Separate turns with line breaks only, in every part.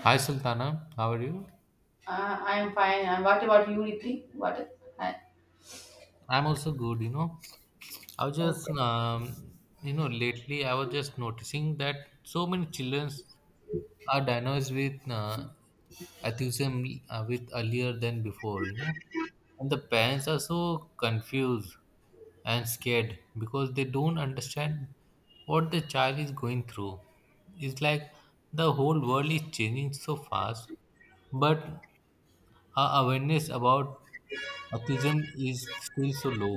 Hi Sultana, how are you?
I'm fine. And what about you, Riddhi? What? Hi.
I'm also good, you know. I was just, lately I was just noticing that so many children are diagnosed with autism with earlier than before, And the parents are so confused and scared because they don't understand what the child is going through. It's like the whole world is changing so fast, but our awareness about autism is still so low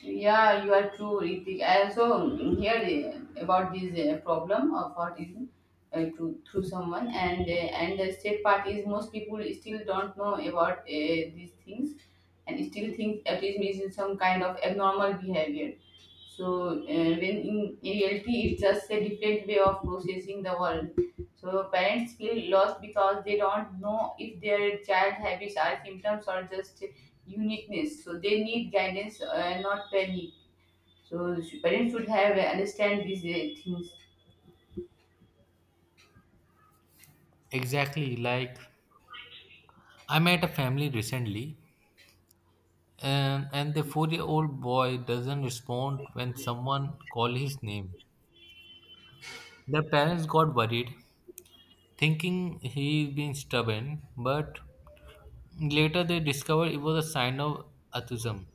Yeah, you are true, Ritik. I also heard about this problem of autism through someone, and and the state parties. Most people still don't know about these things, and still think autism is some kind of abnormal behavior. So when in reality, it's just a different way of processing the world. So parents feel lost because they don't know if their child habits are symptoms or just uniqueness, so they need guidance, not panic. So parents should have understand these things.
exactly like I met a family recently and the 4 year old boy doesn't respond when someone call his name. The parents got worried thinking he's been stubborn, but later they discovered it was a sign of autism,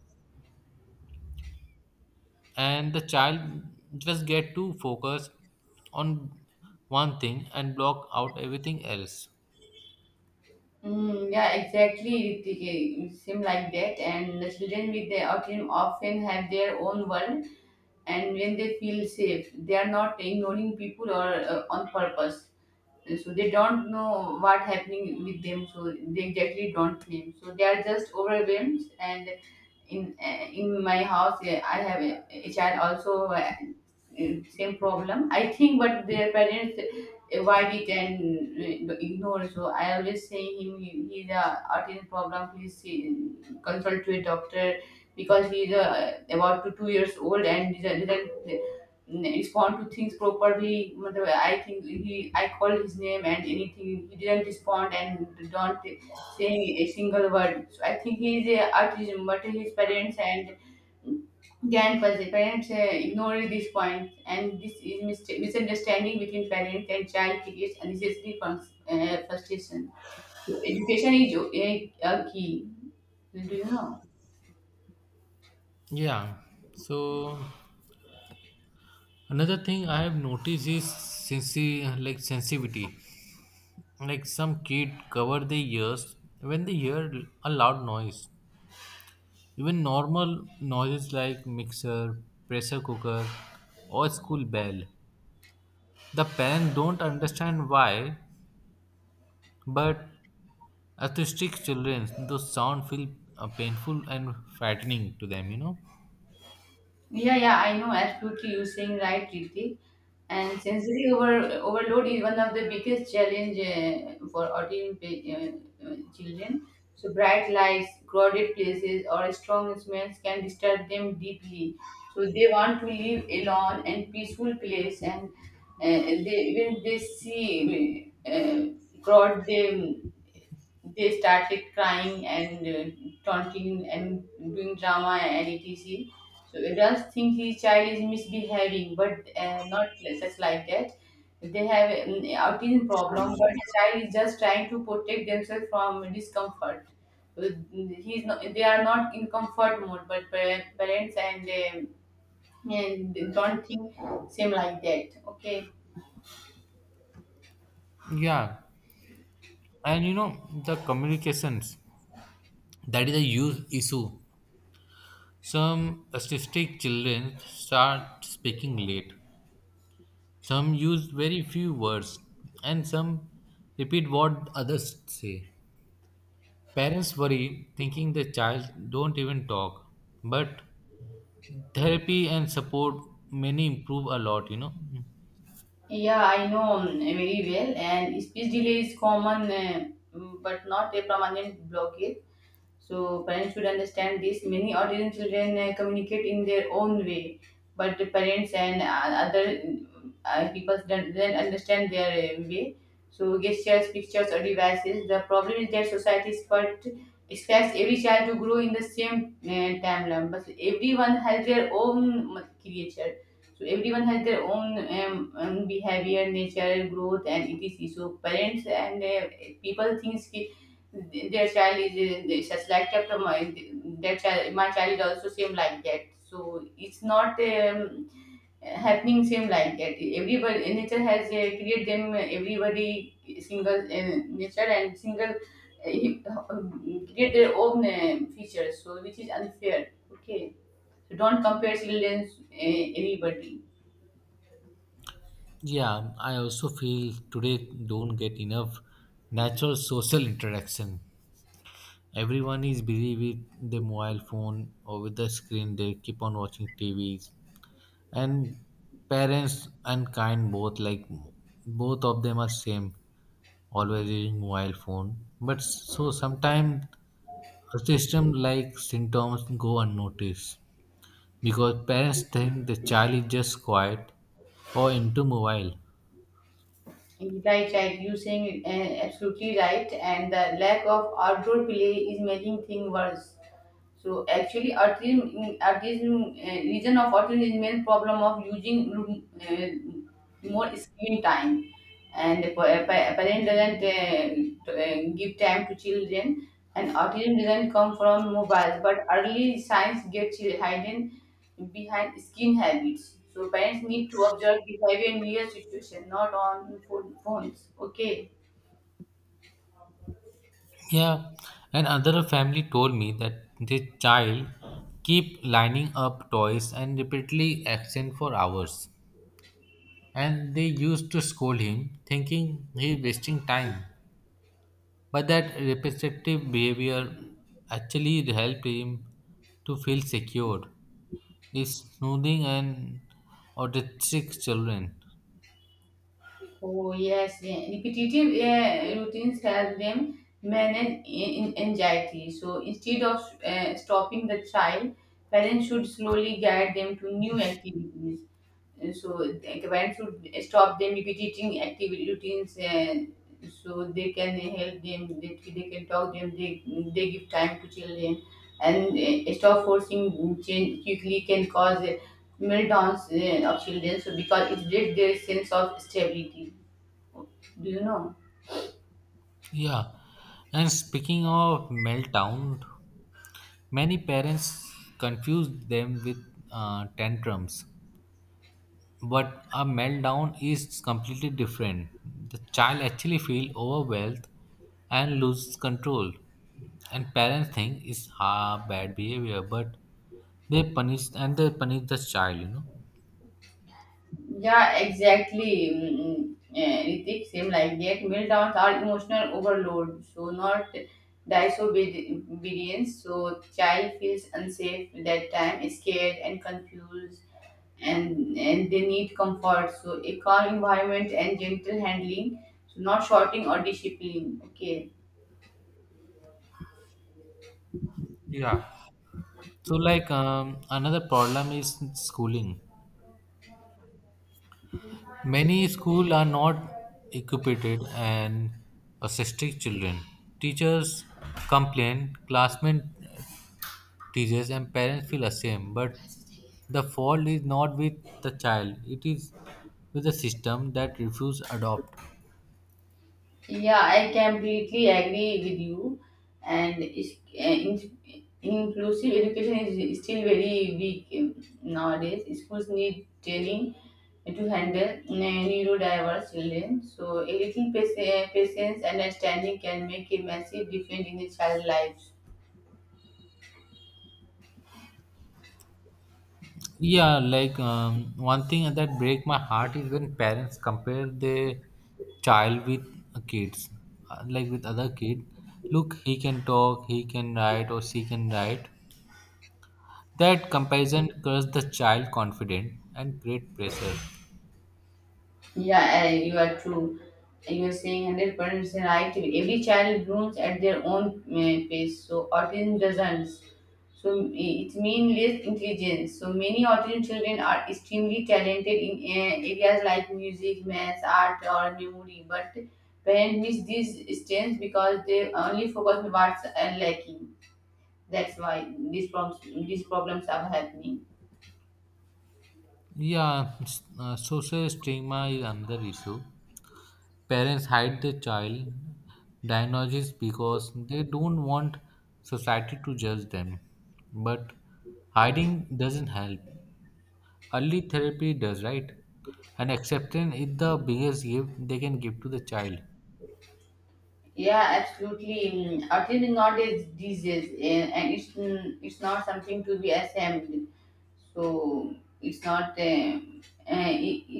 and the child just get too focused on one thing and block out everything else.
Mm, yeah, exactly. Ritik. It seems like that, and the children with the autism often have their own world, and when they feel safe, they are not ignoring people or on purpose. And so they don't know what happening with them, so they exactly don't name. So they are just overwhelmed. And in my house, I have a child also same problem. I think, but their parents, why we can ignore. So I always say him he's a autism problem. Please see, consult to a doctor because he's about to 2 years old and he didn't respond to things properly. Matlab, I think he I called his name and anything he didn't respond and don't say a single word. So I think he is a autism, but his parents and Grand Parents ignore these points, and this is misunderstanding between parents and child creates unnecessary frustration. Education is a key. Do you know?
Yeah. So another thing I have noticed is like sensitivity. Like some kid cover their ears when they hear a loud noise. Even normal noises like mixer, pressure cooker, or school bell. The parents don't understand why, but autistic children, those sound feel painful and frightening to them.
Yeah, yeah, I know absolutely. You're saying right, Riti. And overload is one of the biggest challenge for autism children. So bright lights, crowded places, or strong smells can disturb them deeply. So they want to live alone and peaceful place. And they when they see crowd, they started crying and taunting and doing drama and etc. So adults think his child is misbehaving, but not just like that. They have an autism problem, but the child is just trying to protect themselves from discomfort. So he's not, they are not in comfort mode, but parents and don't think same like that. Okay.
Yeah, and you know the communications, that is a huge issue. Some autistic children start speaking late. Some use very few words, and some repeat what others say. Parents worry, thinking the child don't even talk. But therapy and support many improve a lot.
Yeah, I know very well, and speech delay is common, but not a permanent blockage. So, parents should understand this. Many autism children communicate in their own way, but the parents and other people don't understand their way. So, gestures, pictures, or devices. The problem is that expects every child to grow in the same timeline, but everyone has their own creature, so everyone has their own own behavior, nature, growth, and etc. So parents and people thinks ki their child is just like chapter my their child, my child is also same like that. So it's not happening same like that. Everybody nature has created them, everybody single nature and single create their own features. So which is unfair. Okay, so don't compare children, anybody.
Yeah, I also feel today don't get enough natural social interaction. Everyone is busy with the mobile phone or with the screen. They keep on watching T V's. And parents and kind both, like both of them are same, always using mobile phone, but so sometimes a system like symptoms go unnoticed because parents think the child is just quiet or into mobile.
Right, right. You saying absolutely right, and the lack of outdoor play is making things worse. So actually, autism, autism reason of autism is main problem of using more screen time, and parent doesn't give time to children, and autism doesn't come from mobiles, but early signs get hidden behind skin habits. So parents need to observe behavior in real situation, not on phones. Okay.
Yeah, and another family told me that the child keep lining up toys and repeatedly absent for hours, and they used to scold him thinking he wasting time. But that repetitive behavior actually helped him to feel secure. He's soothing and autistic children.
Oh yes, yeah. Repetitive routines help them manage anxiety. So instead of stopping the child, parents should slowly guide them to new activities. So the parents should stop them repeating activity routines, so they can help them. They can talk them. They give time to children, and stop forcing change quickly can cause meltdowns of children, so because it breaks their sense of stability. Do you know?
Yeah. And speaking of meltdown, many parents confuse them with tantrums. But a meltdown is completely different. The child actually feel overwhelmed and loses control. And parents think it's bad behavior, but they punish, and they punish the child.
Yeah, exactly. Mm. Yeah, Ritik, same like that. Meltdowns are emotional overload, so not disobedience. So child feels unsafe that time, scared and confused, and they need comfort. So a calm environment and gentle handling, so not shouting or discipline. Okay.
Yeah. So like another problem is schooling. Many school are not equipped, and autistic children, teachers complain, classmate, teachers and parents feel ashamed, but the fault is not with the child, it is with the system that refuse adopt.
Yeah, I completely agree with you. And inclusive education is still very weak nowadays. Schools need training to handle neurodiverse children. So, a little patience and understanding can make a massive difference in the child's lives.
Yeah, like one thing that break my heart is when parents compare their child with kids, like with other kid. Look, he can talk, he can write, or she can write. That comparison curse the child confident and create pressure.
Yeah, you are true. You are saying 100% right. Every child blooms at their own pace, so autism doesn't. So it means less intelligence. So many autism children are extremely talented in areas like music, maths, art, or memory, but parents miss these strengths because they only focus on what's lacking. That's why these problems are happening.
Yeah, social stigma is another issue. Parents hide their child diagnosis because they don't want society to judge them, but hiding doesn't help. Early therapy does, right? And acceptance is the biggest gift they can give to the child.
Yeah, absolutely. Autism is not a disease, and it's not something to be ashamed. So it's not.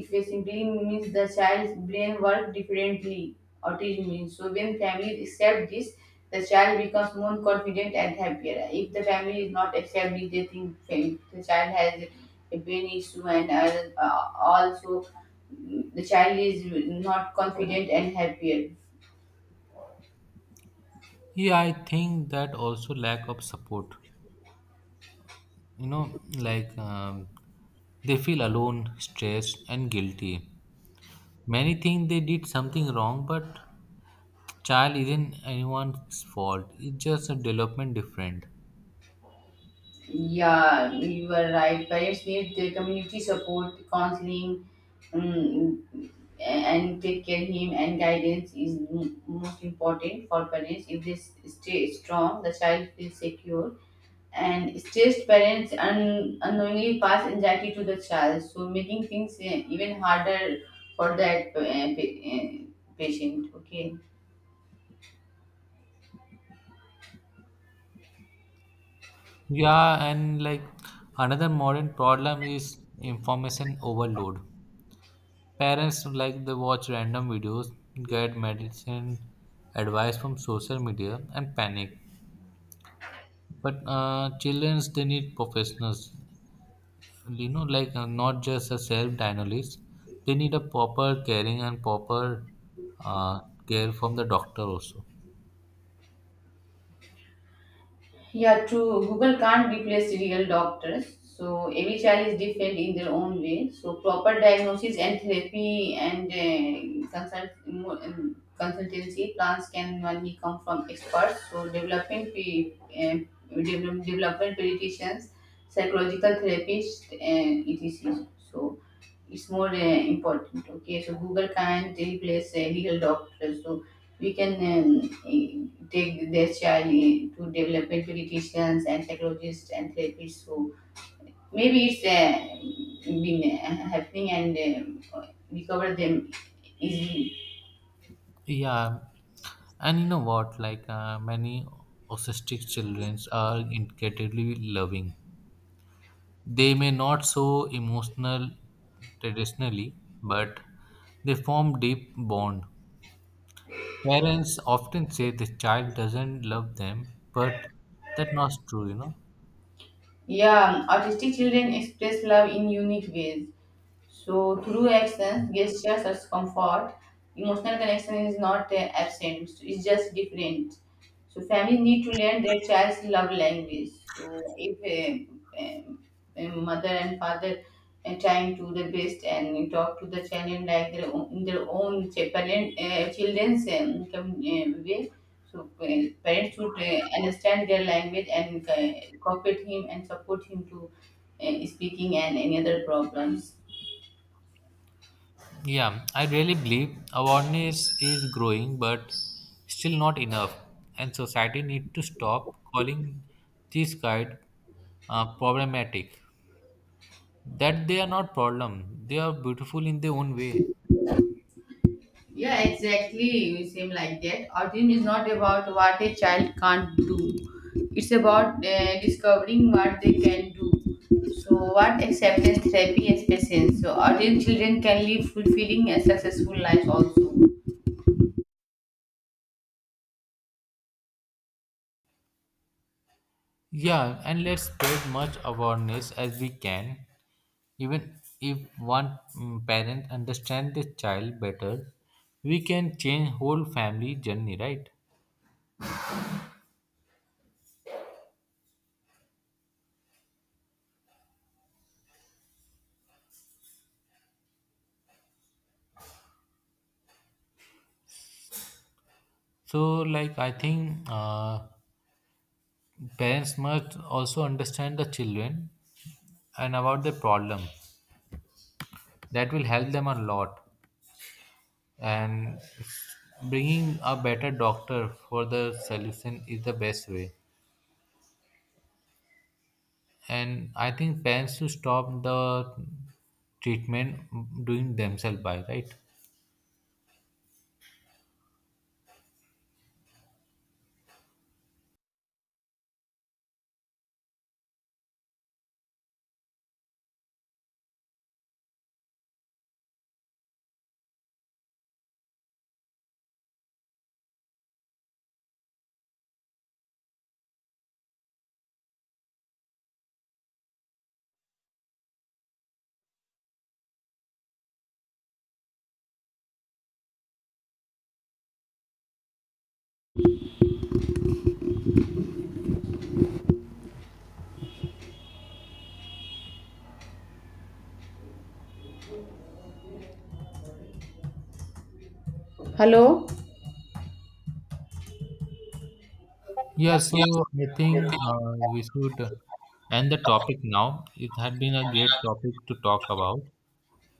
If it simply means the child's brain works differently, autism means. So when families accept this, the child becomes more confident and happier. If the family is not accepting, they think the child has a brain issue and also the child is not confident and happier.
Yeah, I think that also lack of support. You know, like they feel alone, stressed, and guilty. Many think they did something wrong, but child isn't anyone's fault. It's just a development different.
Yeah, you were right. Parents need the community support, counseling, um, and take care him and guidance is most important for parents. If they stay strong, the child feels secure. And stressed parents unknowingly pass anxiety to the child, so making things even harder for that patient. Okay.
Yeah, and like another modern problem is information overload. Parents like they watch random videos, get medicine advice from social media, and panic. But children, they need professionals, you know, like not just a self diagnosis. They need a proper caring and proper uh, care from the doctor also.
Yeah, true. Google can't replace real doctors. So every child is different in their own way. So proper diagnosis and therapy and consultancy plans can only come from experts. So um, development pediatricians, psychological therapists, and etc. So it's more important. Okay, so Google can't replace real doctors. So we can take their child to development pediatricians and psychologists and therapists who maybe it's been happening and recover them easily.
Yeah, and you know what? Like many autistic children are incredibly loving. They may not so emotional traditionally, but they form deep bond. Parents often say the child doesn't love them, but that's not true,
Yeah, autistic children express love in unique ways. So through actions, gestures, or comfort, emotional connection is not absent. So it's just different. So families need to learn their child's love language. So if uh, um, mother and father are trying to the best and talk to the children like their own, in their own children's way, so parents should understand their language and cooperate him and support him to speaking and any other problems.
Yeah, I really believe awareness is growing, but still not enough, and society need to stop calling these guide problematic. That they are not problem; they are beautiful in their own way.
Yeah, exactly. You seem like that. Autism is not about what a child can't do. It's about discovering what they can do. So, what acceptance therapy is patience. So, autism children can live fulfilling and successful lives also.
Yeah, and let's spread much awareness as we can. Even if one parent understands the child better, we can change whole family journey, right? So, like I think parents must also understand the children and about the problem. That will help them a lot. And bringing a better doctor for the solution is the best way. And I think parents should stop the treatment doing themselves by right.
Hello?
Yeah. So I think we should end the topic now. It had been a great topic to talk about.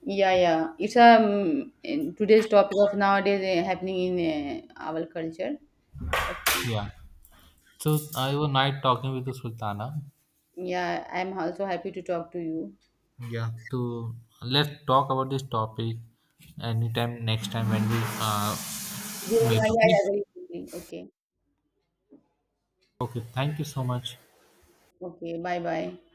Yeah, yeah. It's in today's topic of nowadays happening in our culture. Okay.
Yeah. So I was night talking with the Sultana.
Yeah, I'm also happy to talk to you.
Yeah. to Let's talk about this topic anytime next time when we uh,
Yeah, yeah, yeah,
meet.
yeah, very quickly. Okay.
Okay, thank you so much.
Okay. Bye, bye.